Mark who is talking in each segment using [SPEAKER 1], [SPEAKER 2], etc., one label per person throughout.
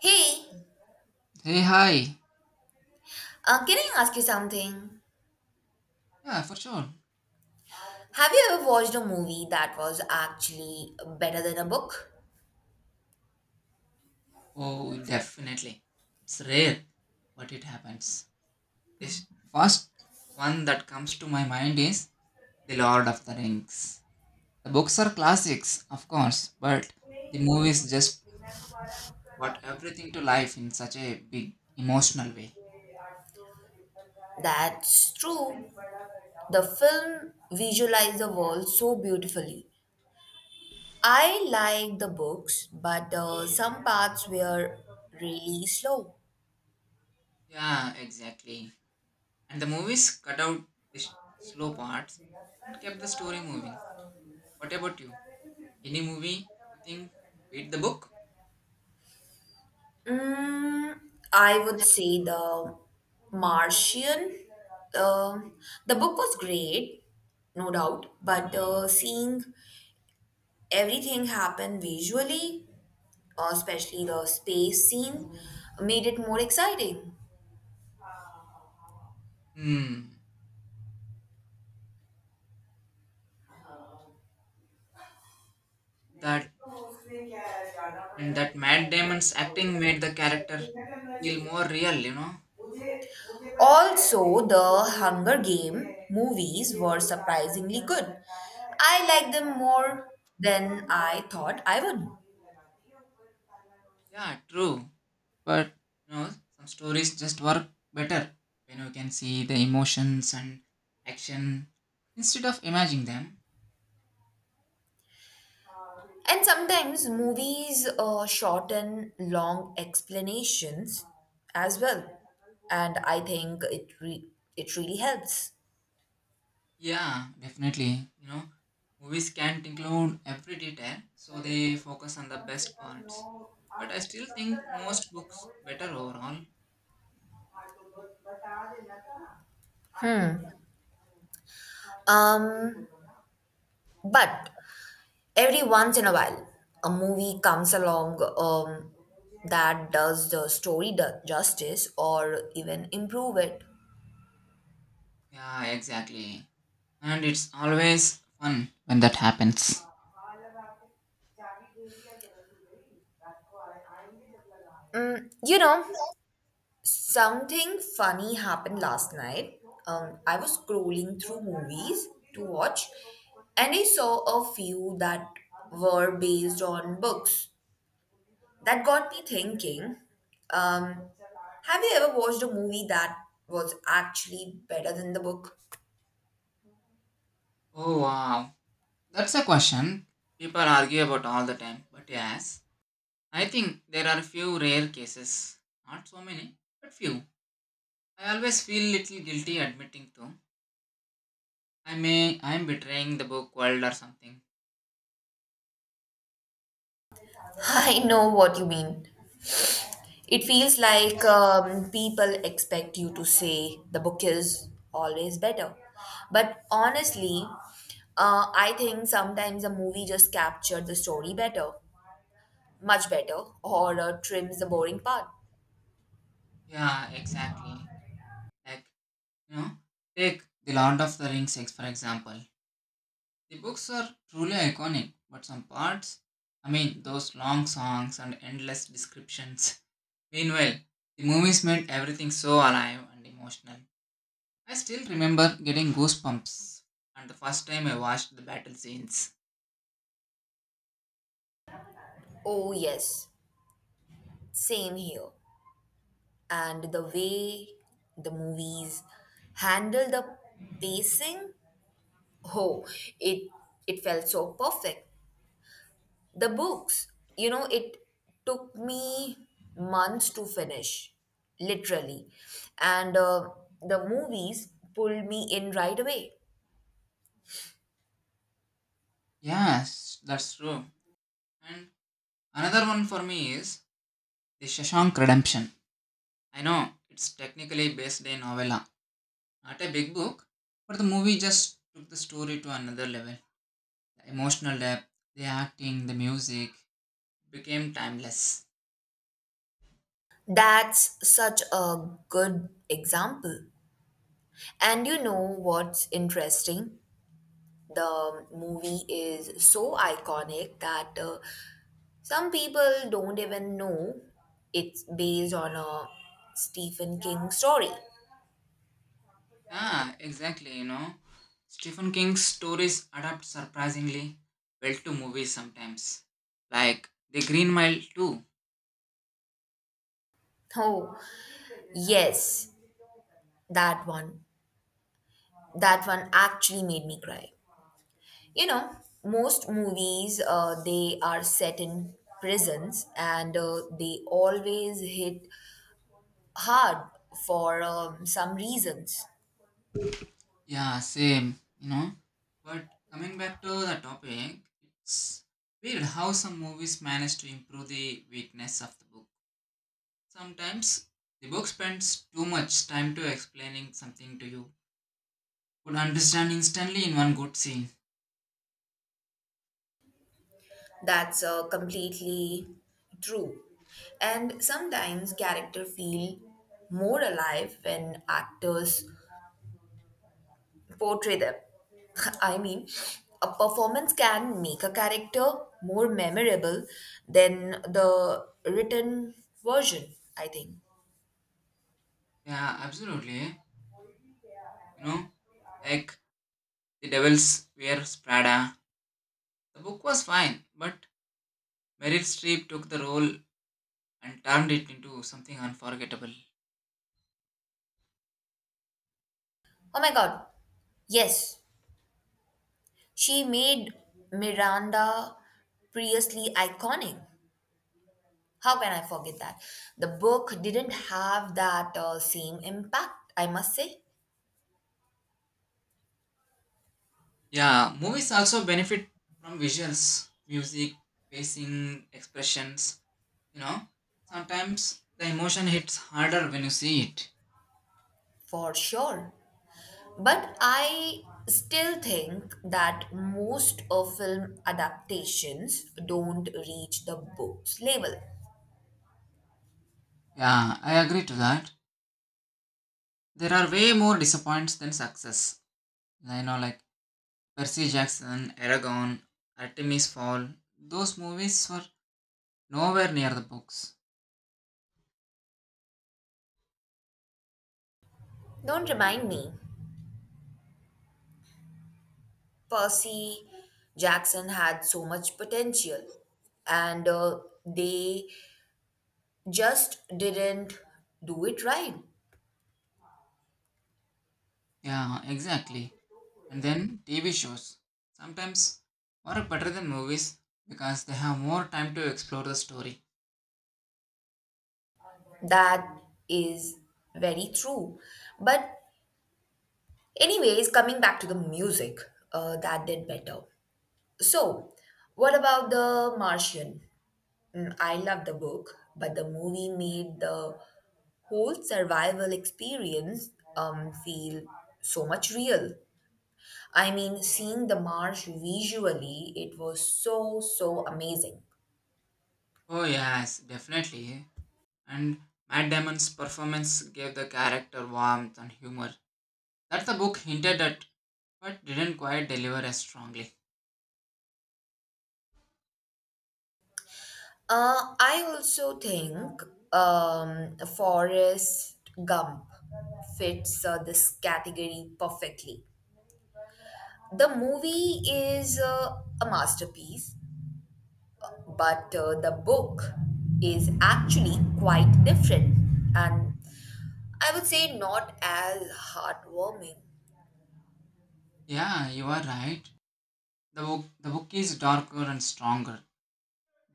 [SPEAKER 1] Hey,
[SPEAKER 2] Hey, hi.
[SPEAKER 1] can I ask you something?
[SPEAKER 2] Yeah, for sure.
[SPEAKER 1] Have you ever watched a movie that was actually better than a book?
[SPEAKER 2] Oh, definitely. It's rare, but it happens. This first one that comes to my mind is The Lord of the Rings. The books are classics, of course, but the movies just brought everything to life in such a big emotional way.
[SPEAKER 1] That's true. The film visualized the world so beautifully. I like the books, but some parts were really slow.
[SPEAKER 2] Yeah, exactly. And the movies cut out the sh- slow parts and kept the story moving. What about you? Any movie you think beat the book?
[SPEAKER 1] Mm, I would say the Martian. Um, the book was great, no doubt, but seeing everything happen visually especially the space scene, made it more exciting.
[SPEAKER 2] Hmm. That and that Matt Damon's acting made the character feel more real.
[SPEAKER 1] Also, the Hunger Game movies were surprisingly good. I liked them more than I thought I would.
[SPEAKER 2] Yeah, true. But you know, some stories just work better when you can see the emotions and action instead of imagining them.
[SPEAKER 1] And sometimes movies shorten long explanations as well, and I think it really helps.
[SPEAKER 2] Yeah, definitely. You know, movies can't include every detail, so they focus on the best parts. But I still think most books better overall.
[SPEAKER 1] Hmm. Um, but every once in a while a movie comes along that does the story justice or even improve it.
[SPEAKER 2] Yeah, exactly. And it's always fun when that happens.
[SPEAKER 1] You know, something funny happened last night. I was scrolling through movies to watch, and I saw a few that were based on books that got me thinking. um, have you ever watched a movie that was actually better than the book?
[SPEAKER 2] Oh wow. That's a question people argue about all the time. But yes, I think there are few rare cases. Not so many, but few. I always feel little guilty admitting to. I'm betraying the book world or something.
[SPEAKER 1] I know what you mean. It feels like people expect you to say the book is always better. But honestly, I think sometimes a movie just captured the story better, much better, or trims the boring part.
[SPEAKER 2] Yeah, exactly. Like you know, take the Lord of the Rings for example. The books are truly iconic, but some parts, I mean, those long songs and endless descriptions. Meanwhile, the movies made everything so alive and emotional. I still remember getting goosebumps and the first time I watched the battle scenes.
[SPEAKER 1] Oh, yes, same here. And the way the movies handle the pacing, oh, it, it felt so perfect. The books, you know, it took me months to finish, literally. And the movies pulled me in right away.
[SPEAKER 2] Yes, that's true. And another one for me is The Shashank Redemption. I know it's technically based in novella, not a big book, but the movie just took the story to another level. The emotional depth, the acting, the music became timeless.
[SPEAKER 1] That's such a good example. And you know what's interesting? The movie is so iconic that some people don't even know it's based on a Stephen King story.
[SPEAKER 2] Ah, exactly, you know. Stephen King's stories adapt surprisingly well to movies sometimes. Like The Green Mile too.
[SPEAKER 1] Oh, yes, that one. That one actually made me cry. You know, most movies they are set in prisons and they always hit hard for some reasons.
[SPEAKER 2] Yeah, same, you know. But coming back to the topic, it's weird how some movies manage to improve the weakness of the book. Sometimes the book spends too much time to explaining something to you. Would understand instantly in one good scene.
[SPEAKER 1] That's completely true. And sometimes character feel more alive when actors portray them. I mean, a performance can make a character more memorable than the written version, I think.
[SPEAKER 2] Yeah, absolutely. You know, like The Devils Wear Prada. The book was fine, but Meryl Streep took the role and turned it into something unforgettable.
[SPEAKER 1] Oh my god, yes, she made Miranda previously iconic. How can I forget that? The book didn't have that same impact, I must say,
[SPEAKER 2] Yeah, movies also benefit from visuals, music, pacing, expressions. You know, sometimes the emotion hits harder when you see it.
[SPEAKER 1] for sure. But I still think that most of film adaptations don't reach the book's level.
[SPEAKER 2] Yeah, I agree to that. There are way more disappointments than success. You know, like Percy Jackson, Aragon, Artemis Fowl. Those movies were nowhere near the books.
[SPEAKER 1] Don't remind me, Percy Jackson had so much potential and they just didn't do it right.
[SPEAKER 2] Yeah, exactly. And then TV shows sometimes work better than movies because they have more time to explore the story.
[SPEAKER 1] That is very true. But, anyways, coming back to the music, that did better. So, what about The Martian? Mm, I love the book, but the movie made the whole survival experience feel so much real. I mean, seeing the marsh visually, it was so, so amazing.
[SPEAKER 2] Oh yes, definitely. And Matt Damon's performance gave the character warmth and humor that the book hinted at, but didn't quite deliver as strongly.
[SPEAKER 1] I also think Forrest Gump fits this category perfectly. The movie is a masterpiece, but the book is actually quite different, and I would say not as heartwarming.
[SPEAKER 2] Yeah, you are right. The book is darker and stronger.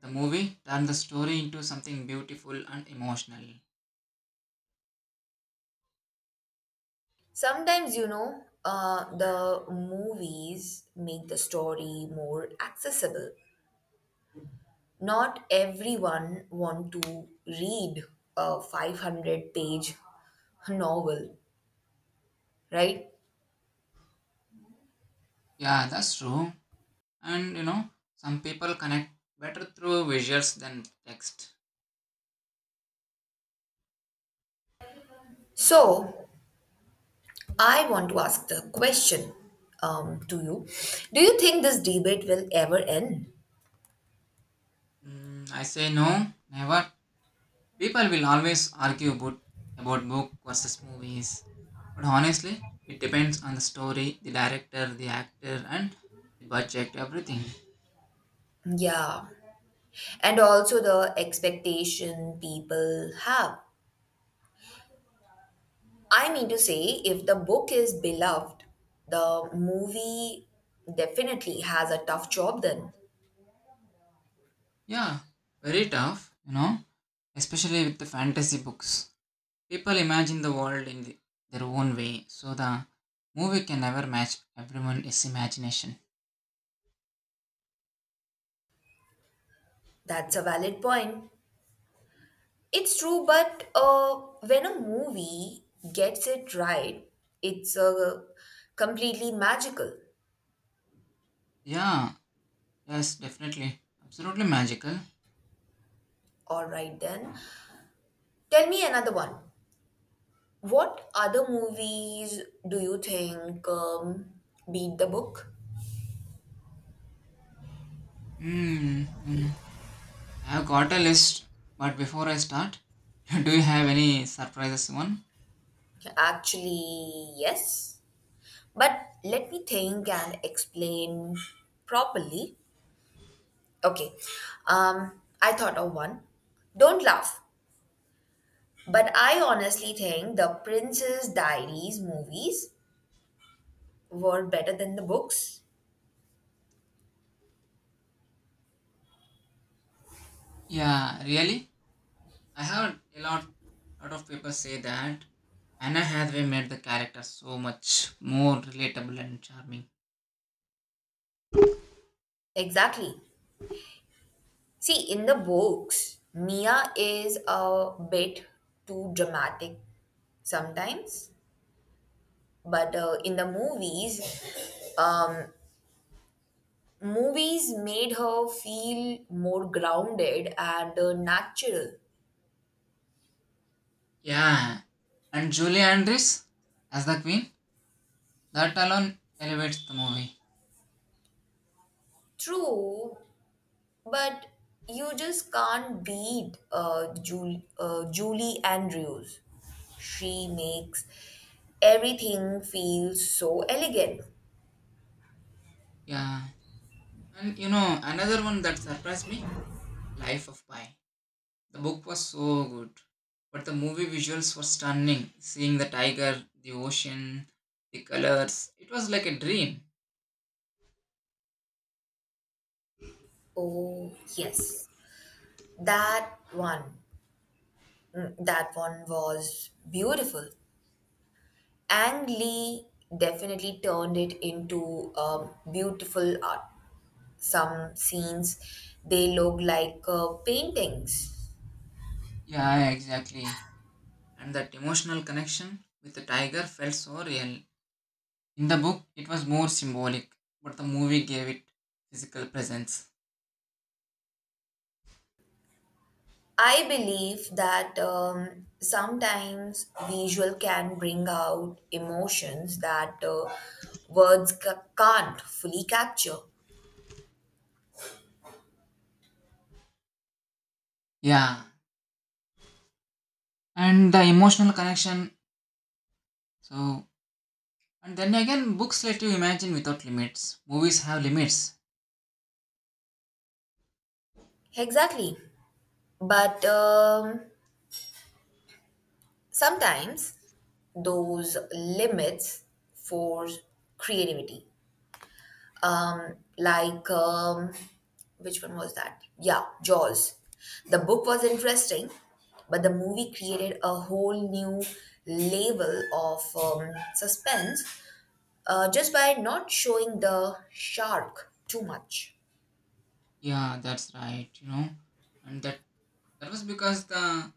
[SPEAKER 2] The movie turned the story into something beautiful and emotional.
[SPEAKER 1] Sometimes, you know, the movies make the story more accessible. Not everyone want to read a 500-page novel, right?
[SPEAKER 2] Yeah, that's true. And you know, some people connect better through visuals than text.
[SPEAKER 1] So I want to ask the question, to you, do you think this debate will ever end?
[SPEAKER 2] Mm, I say no, never. People will always argue about book versus movies. But honestly, it depends on the story, the director, the actor, and the budget, everything.
[SPEAKER 1] Yeah, and also the expectation people have. I mean to say, if the book is beloved, the movie definitely has a tough job then.
[SPEAKER 2] Yeah, very tough, you know, especially with the fantasy books. People imagine the world in the, their own way, so the movie can never match everyone's imagination.
[SPEAKER 1] That's a valid point. It's true, but when a movie gets it right, it's completely magical.
[SPEAKER 2] Yeah, yes, definitely. Absolutely magical.
[SPEAKER 1] All right, then. Tell me another one. What other movies do you think beat the book?
[SPEAKER 2] Hmm. Hmm. I have got a list, but before I start, do you have any surprises one?
[SPEAKER 1] Actually, yes. But let me think and explain properly. Okay, I thought of one. Don't laugh, but I honestly think the Princess Diaries movies were better than the books.
[SPEAKER 2] Yeah, really? I heard a lot of people say that Anna Hathaway made the character so much more relatable and charming.
[SPEAKER 1] Exactly. See, in the books, Mia is a bit too dramatic sometimes, but in the movies, um, movies made her feel more grounded and natural.
[SPEAKER 2] Yeah, and Julie Andrews as the queen, that alone elevates the movie.
[SPEAKER 1] True, but you just can't beat Julie Andrews. She makes everything feel so elegant.
[SPEAKER 2] Yeah, and you know another one that surprised me, Life of Pi. The book was so good, but the movie visuals were stunning. Seeing the tiger, the ocean, the colors, it was like a dream.
[SPEAKER 1] Oh, yes, that one. Mm, that one was beautiful. Ang Lee definitely turned it into beautiful art. Some scenes, they look like paintings.
[SPEAKER 2] Yeah, exactly. And that emotional connection with the tiger felt so real. In the book, it was more symbolic, but the movie gave it physical presence.
[SPEAKER 1] I believe that sometimes visual can bring out emotions that can't fully capture.
[SPEAKER 2] Yeah, and the emotional connection. So, and then again, books let you imagine without limits. Movies have limits.
[SPEAKER 1] Exactly. But sometimes those limits force creativity. um, like um, which one was that? Yeah, Jaws. The book was interesting, but the movie created a whole new level of suspense just by not showing the shark too much.
[SPEAKER 2] Yeah, that's right, you know. And that was because the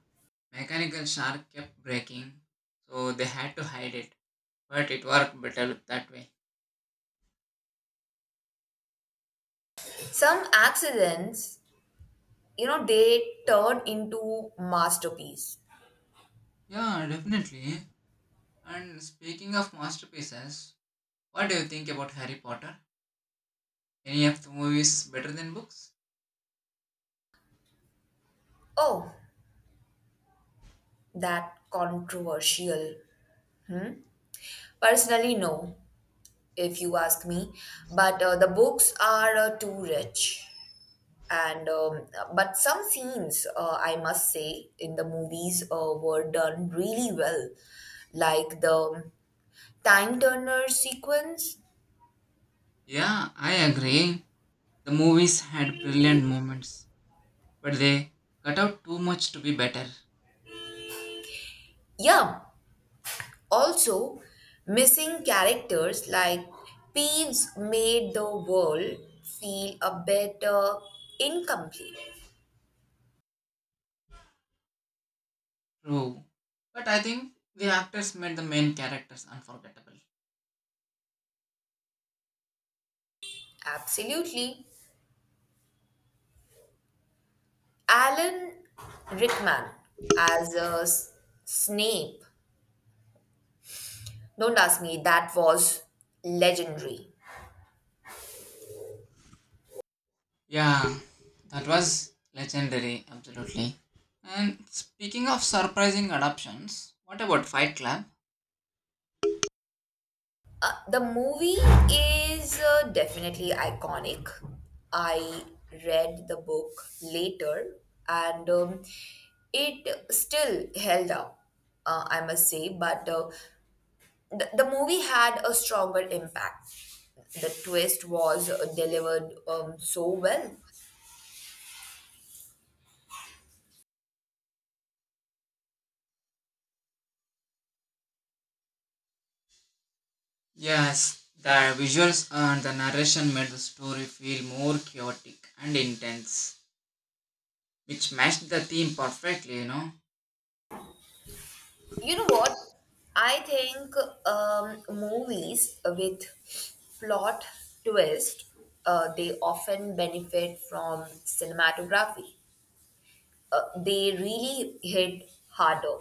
[SPEAKER 2] mechanical shark kept breaking, so they had to hide it. But it worked better that way.
[SPEAKER 1] Some accidents, you know, they turn into masterpiece.
[SPEAKER 2] Yeah, definitely. And speaking of masterpieces, what do you think about Harry Potter? Any of the movies better than books?
[SPEAKER 1] Oh, that controversial. Personally, no, if you ask me, but the books are too rich. And But some scenes I must say in the movies were done really well, like the time turner sequence.
[SPEAKER 2] Yeah, I agree. The movies had brilliant moments, but they cut out too much to be better.
[SPEAKER 1] Yeah, also missing characters like peeves made the world feel a bit incomplete.
[SPEAKER 2] True. But I think the actors made the main characters unforgettable.
[SPEAKER 1] Absolutely. Alan Rickman as Snape, don't ask me, that was legendary.
[SPEAKER 2] Yeah, that was legendary, absolutely. And speaking of surprising adaptations, what about Fight Club?
[SPEAKER 1] The movie is definitely iconic. I read the book later and it still held up, I must say, but the movie had a stronger impact. The twist was delivered so well.
[SPEAKER 2] Yes, the visuals and the narration made the story feel more chaotic and intense, which matched the theme perfectly, you know.
[SPEAKER 1] You know what? I think movies with plot twist, they often benefit from cinematography. They really hit harder.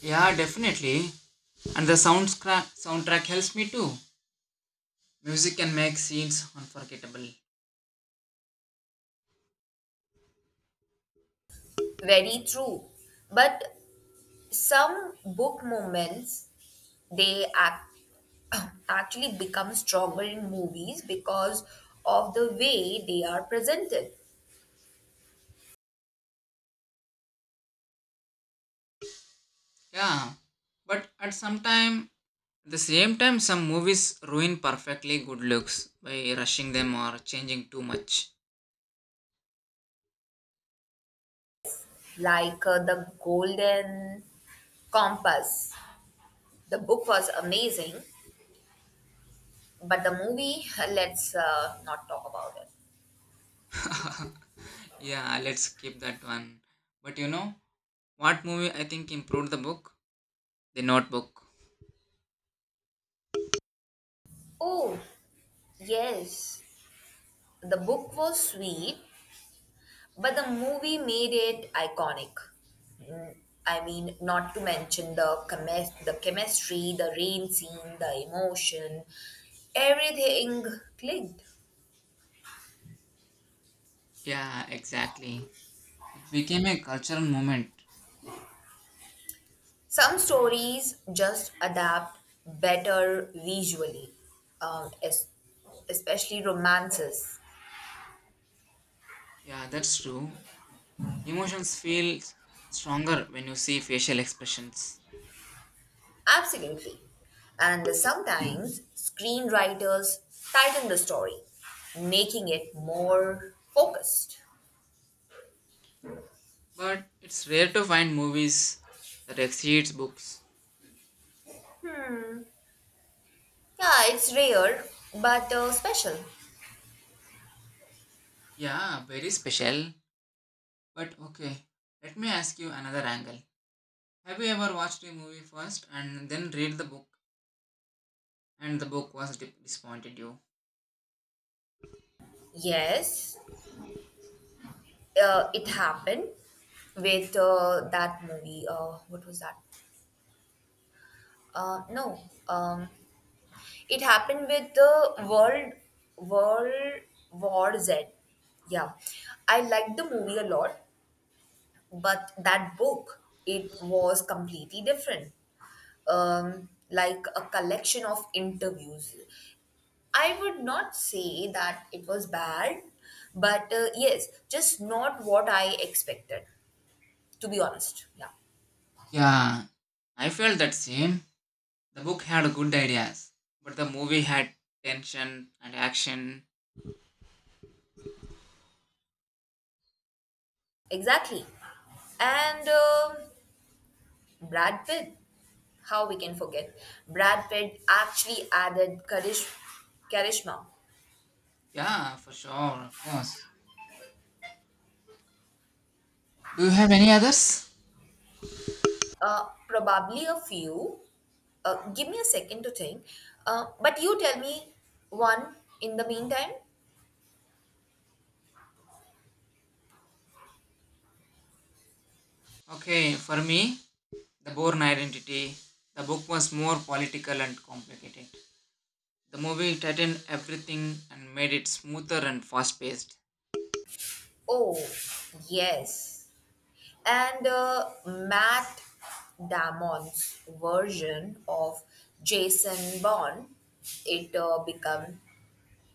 [SPEAKER 2] Yeah, definitely. And the soundtrack helps me too. Music can make scenes unforgettable.
[SPEAKER 1] Very true. But some book moments they act actually become stronger in movies because of the way they are presented,
[SPEAKER 2] Yeah, but at the same time, some movies ruin perfectly good looks by rushing them or changing too much.
[SPEAKER 1] like the golden compass. The book was amazing, but the movie, let's not talk about it.
[SPEAKER 2] Yeah, let's skip that one. But you know what movie I think improved the book? The Notebook.
[SPEAKER 1] Oh, yes. The book was sweet, but the movie made it iconic. Mm, I mean, not to mention the chemistry, the rain scene, the emotion, everything clicked.
[SPEAKER 2] Yeah, exactly. It became a cultural moment.
[SPEAKER 1] Some stories just adapt better visually, um, es- especially romances.
[SPEAKER 2] Yeah, that's true. Emotions feel stronger when you see facial expressions.
[SPEAKER 1] Absolutely. And sometimes screenwriters tighten the story, making it more focused.
[SPEAKER 2] But it's rare to find movies that exceeds books.
[SPEAKER 1] Yeah, it's rare, but special.
[SPEAKER 2] Yeah, very special. But okay, let me ask you another angle. Have you ever watched a movie first and then read the book and the book was disappointed you?
[SPEAKER 1] Yes, it happened with that movie. What was that? No, um, it happened with the World War Z. Yeah, I liked the movie a lot, but that book it was completely different. Like a collection of interviews. I would not say that it was bad, but yes, just not what I expected, to be honest. Yeah,
[SPEAKER 2] Yeah, I felt that same. The book had good ideas, but the movie had tension and action.
[SPEAKER 1] exactly. And Brad Pitt, how we can forget? Brad Pitt actually added charisma.
[SPEAKER 2] Yeah, for sure, of course. Do you have any others?
[SPEAKER 1] Probably a few. Give me a second to think. But you tell me one in the meantime.
[SPEAKER 2] Okay, for me, The Bourne Identity. The book was more political and complicated. The movie tightened everything and made it smoother and fast paced.
[SPEAKER 1] Oh, yes. And Matt Damon's version of Jason Bourne, it become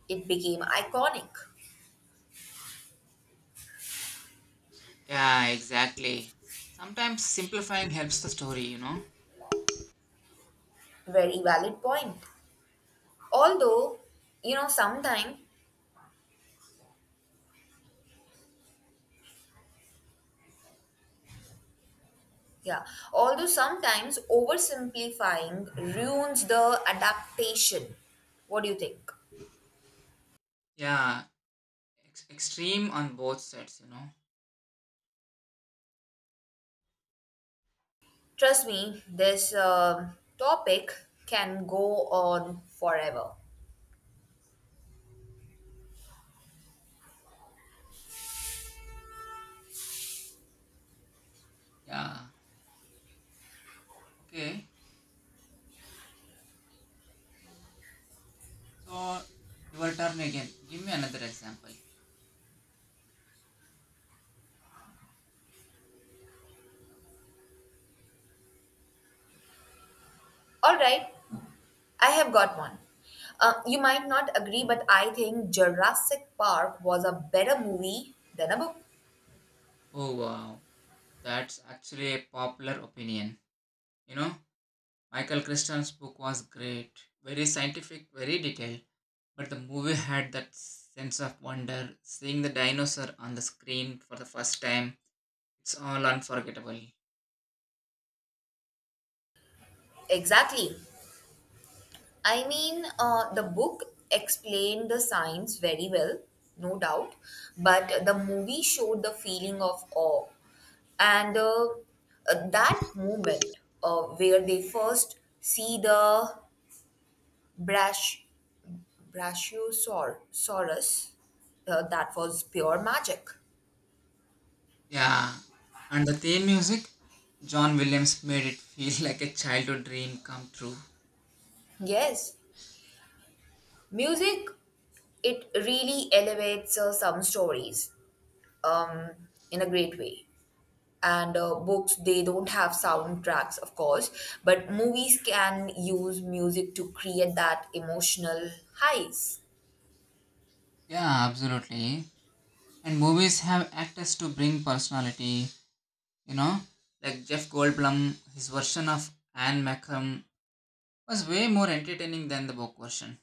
[SPEAKER 1] it became iconic.
[SPEAKER 2] Yeah, exactly. Sometimes simplifying helps the story, you know?
[SPEAKER 1] Very valid point. Although, you know, sometimes, yeah, although sometimes oversimplifying ruins the adaptation. What do you think?
[SPEAKER 2] Yeah, extreme on both sides, you know?
[SPEAKER 1] Trust me, this topic can go on forever.
[SPEAKER 2] Yeah, okay. So, your turn again. Give me another example.
[SPEAKER 1] All right, I have got one. You might not agree, but I think Jurassic Park was a better movie than a book.
[SPEAKER 2] Oh, wow. That's actually a popular opinion. You know, Michael Crichton's book was great. Very scientific, very detailed. But the movie had that sense of wonder. Seeing the dinosaur on the screen for the first time, it's all unforgettable.
[SPEAKER 1] Exactly. I mean, the book explained the science very well, no doubt, but the movie showed the feeling of awe and that moment where they first see the brash, brachiosaurus, that was pure magic.
[SPEAKER 2] Yeah. And the theme music, John Williams made it feel like a childhood dream come true.
[SPEAKER 1] Yes, music, it really elevates some stories um, in a great way. And books, they don't have soundtracks, of course, but movies can use music to create that emotional highs.
[SPEAKER 2] Yeah, absolutely. And movies have actors to bring personality, you know? Like Jeff Goldblum, his version of Anne Macum was way more entertaining than the book version.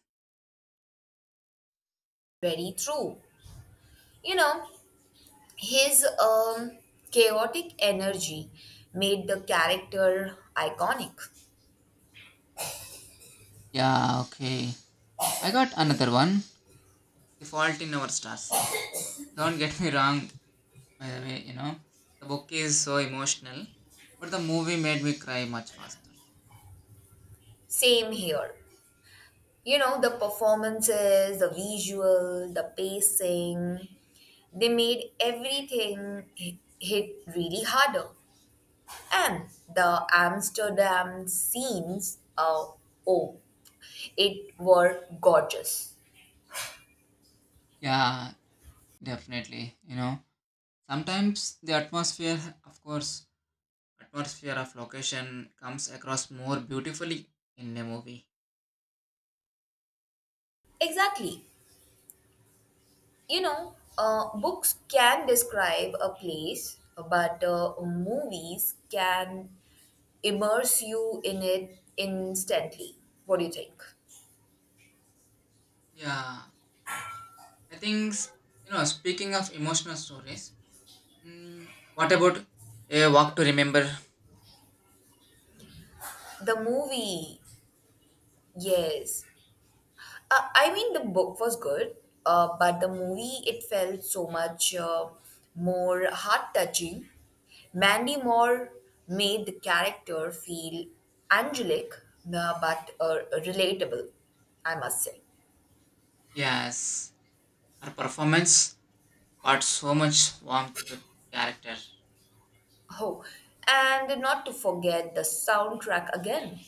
[SPEAKER 1] Very true. You know, his chaotic energy made the character iconic.
[SPEAKER 2] Yeah, okay. I got another one. The Fault in Our Stars. Don't get me wrong, by the way, you know, the book is so emotional, but the movie made me cry much faster.
[SPEAKER 1] Same here. You know, the performances, the visual, the pacing, they made everything hit really harder. And the amsterdam scenes, oh, it were gorgeous.
[SPEAKER 2] Yeah, definitely. You know, sometimes the atmosphere, of course, atmosphere of location comes across more beautifully in a movie.
[SPEAKER 1] Exactly. You know, books can describe a place, but movies can immerse you in it instantly. What do you think?
[SPEAKER 2] Yeah, I think, you know, speaking of emotional stories, mm, what about A Walk to Remember?
[SPEAKER 1] The movie, yes. I mean, the book was good, but the movie it felt so much more heart touching. Mandy Moore made the character feel angelic, but relatable, I must say.
[SPEAKER 2] Yes, her performance brought so much warmth to the character.
[SPEAKER 1] Oh, and not to forget the soundtrack again.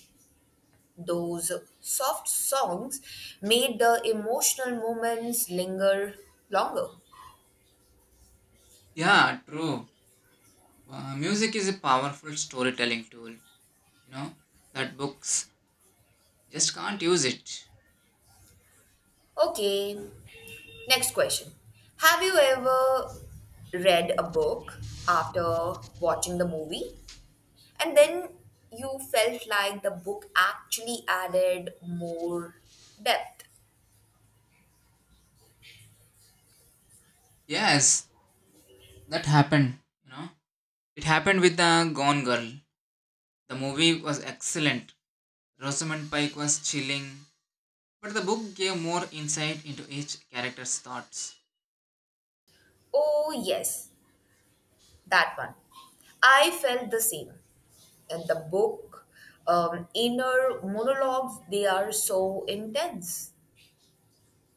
[SPEAKER 1] Those soft songs made the emotional moments linger longer.
[SPEAKER 2] Yeah, true. Music is a powerful storytelling tool, you know, that books just can't use it.
[SPEAKER 1] Okay, next question. Have you ever read a book after watching the movie and then you felt like the book actually added more depth?
[SPEAKER 2] Yes, that happened, you know. It happened with the Gone Girl. The movie was excellent. Rosamund Pike was chilling, but the book gave more insight into each character's thoughts.
[SPEAKER 1] Oh, yes, that one. I felt the same. And the book, inner monologues, they are so intense.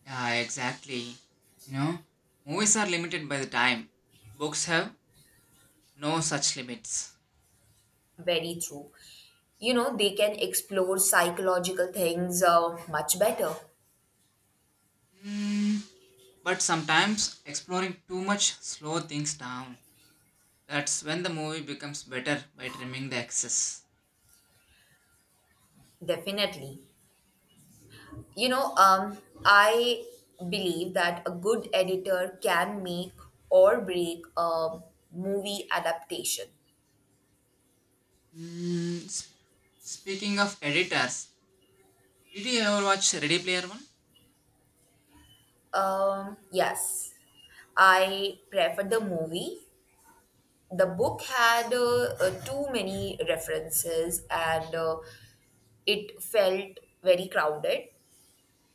[SPEAKER 2] Yeah, exactly. You know, movies are limited by the time. Books have no such limits.
[SPEAKER 1] Very true. You know, they can explore psychological things much better.
[SPEAKER 2] Mm, but sometimes exploring too much slow things down. That's when the movie becomes better by trimming the excess.
[SPEAKER 1] Definitely. You know, I believe that a good editor can make or break a movie adaptation.
[SPEAKER 2] Mm, speaking of editors, did you ever watch Ready Player One?
[SPEAKER 1] Yes, I preferred the movie. The book had too many references and it felt very crowded,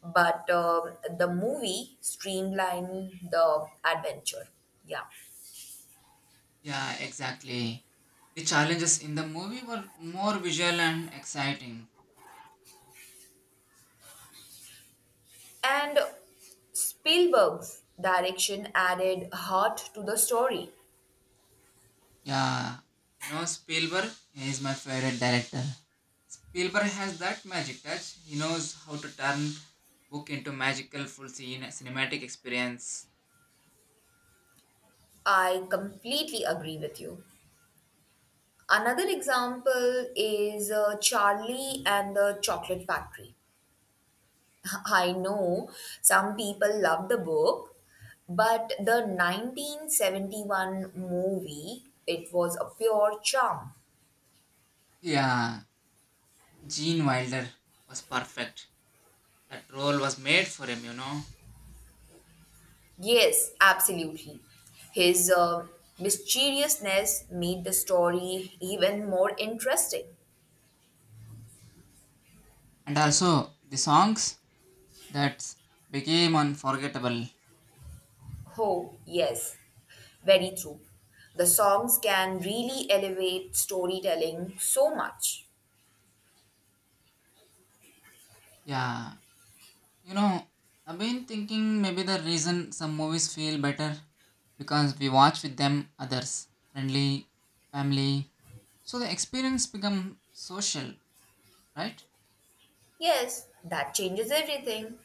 [SPEAKER 1] but the movie streamlined the adventure. Yeah.
[SPEAKER 2] Yeah, exactly. The challenges in the movie were more visual and exciting.
[SPEAKER 1] And Spielberg's direction added heart to the story.
[SPEAKER 2] Yeah, you know, Spielberg is my favorite director. Spielberg has that magic touch. He knows how to turn book into magical full scene cinematic experience.
[SPEAKER 1] I completely agree with you. Another example is Charlie and the Chocolate Factory. I know some people love the book, but the 1971 movie, it was a pure charm.
[SPEAKER 2] Yeah, Gene Wilder was perfect. That role was made for him, you know.
[SPEAKER 1] Yes, absolutely. His mysteriousness made the story even more interesting.
[SPEAKER 2] And also the songs that became unforgettable.
[SPEAKER 1] Oh, yes, very true. The songs can really elevate storytelling so much.
[SPEAKER 2] Yeah, you know, I've been thinking maybe the reason some movies feel better because we watch with them others, friendly, family, so the experience become social, right?
[SPEAKER 1] Yes, that changes everything.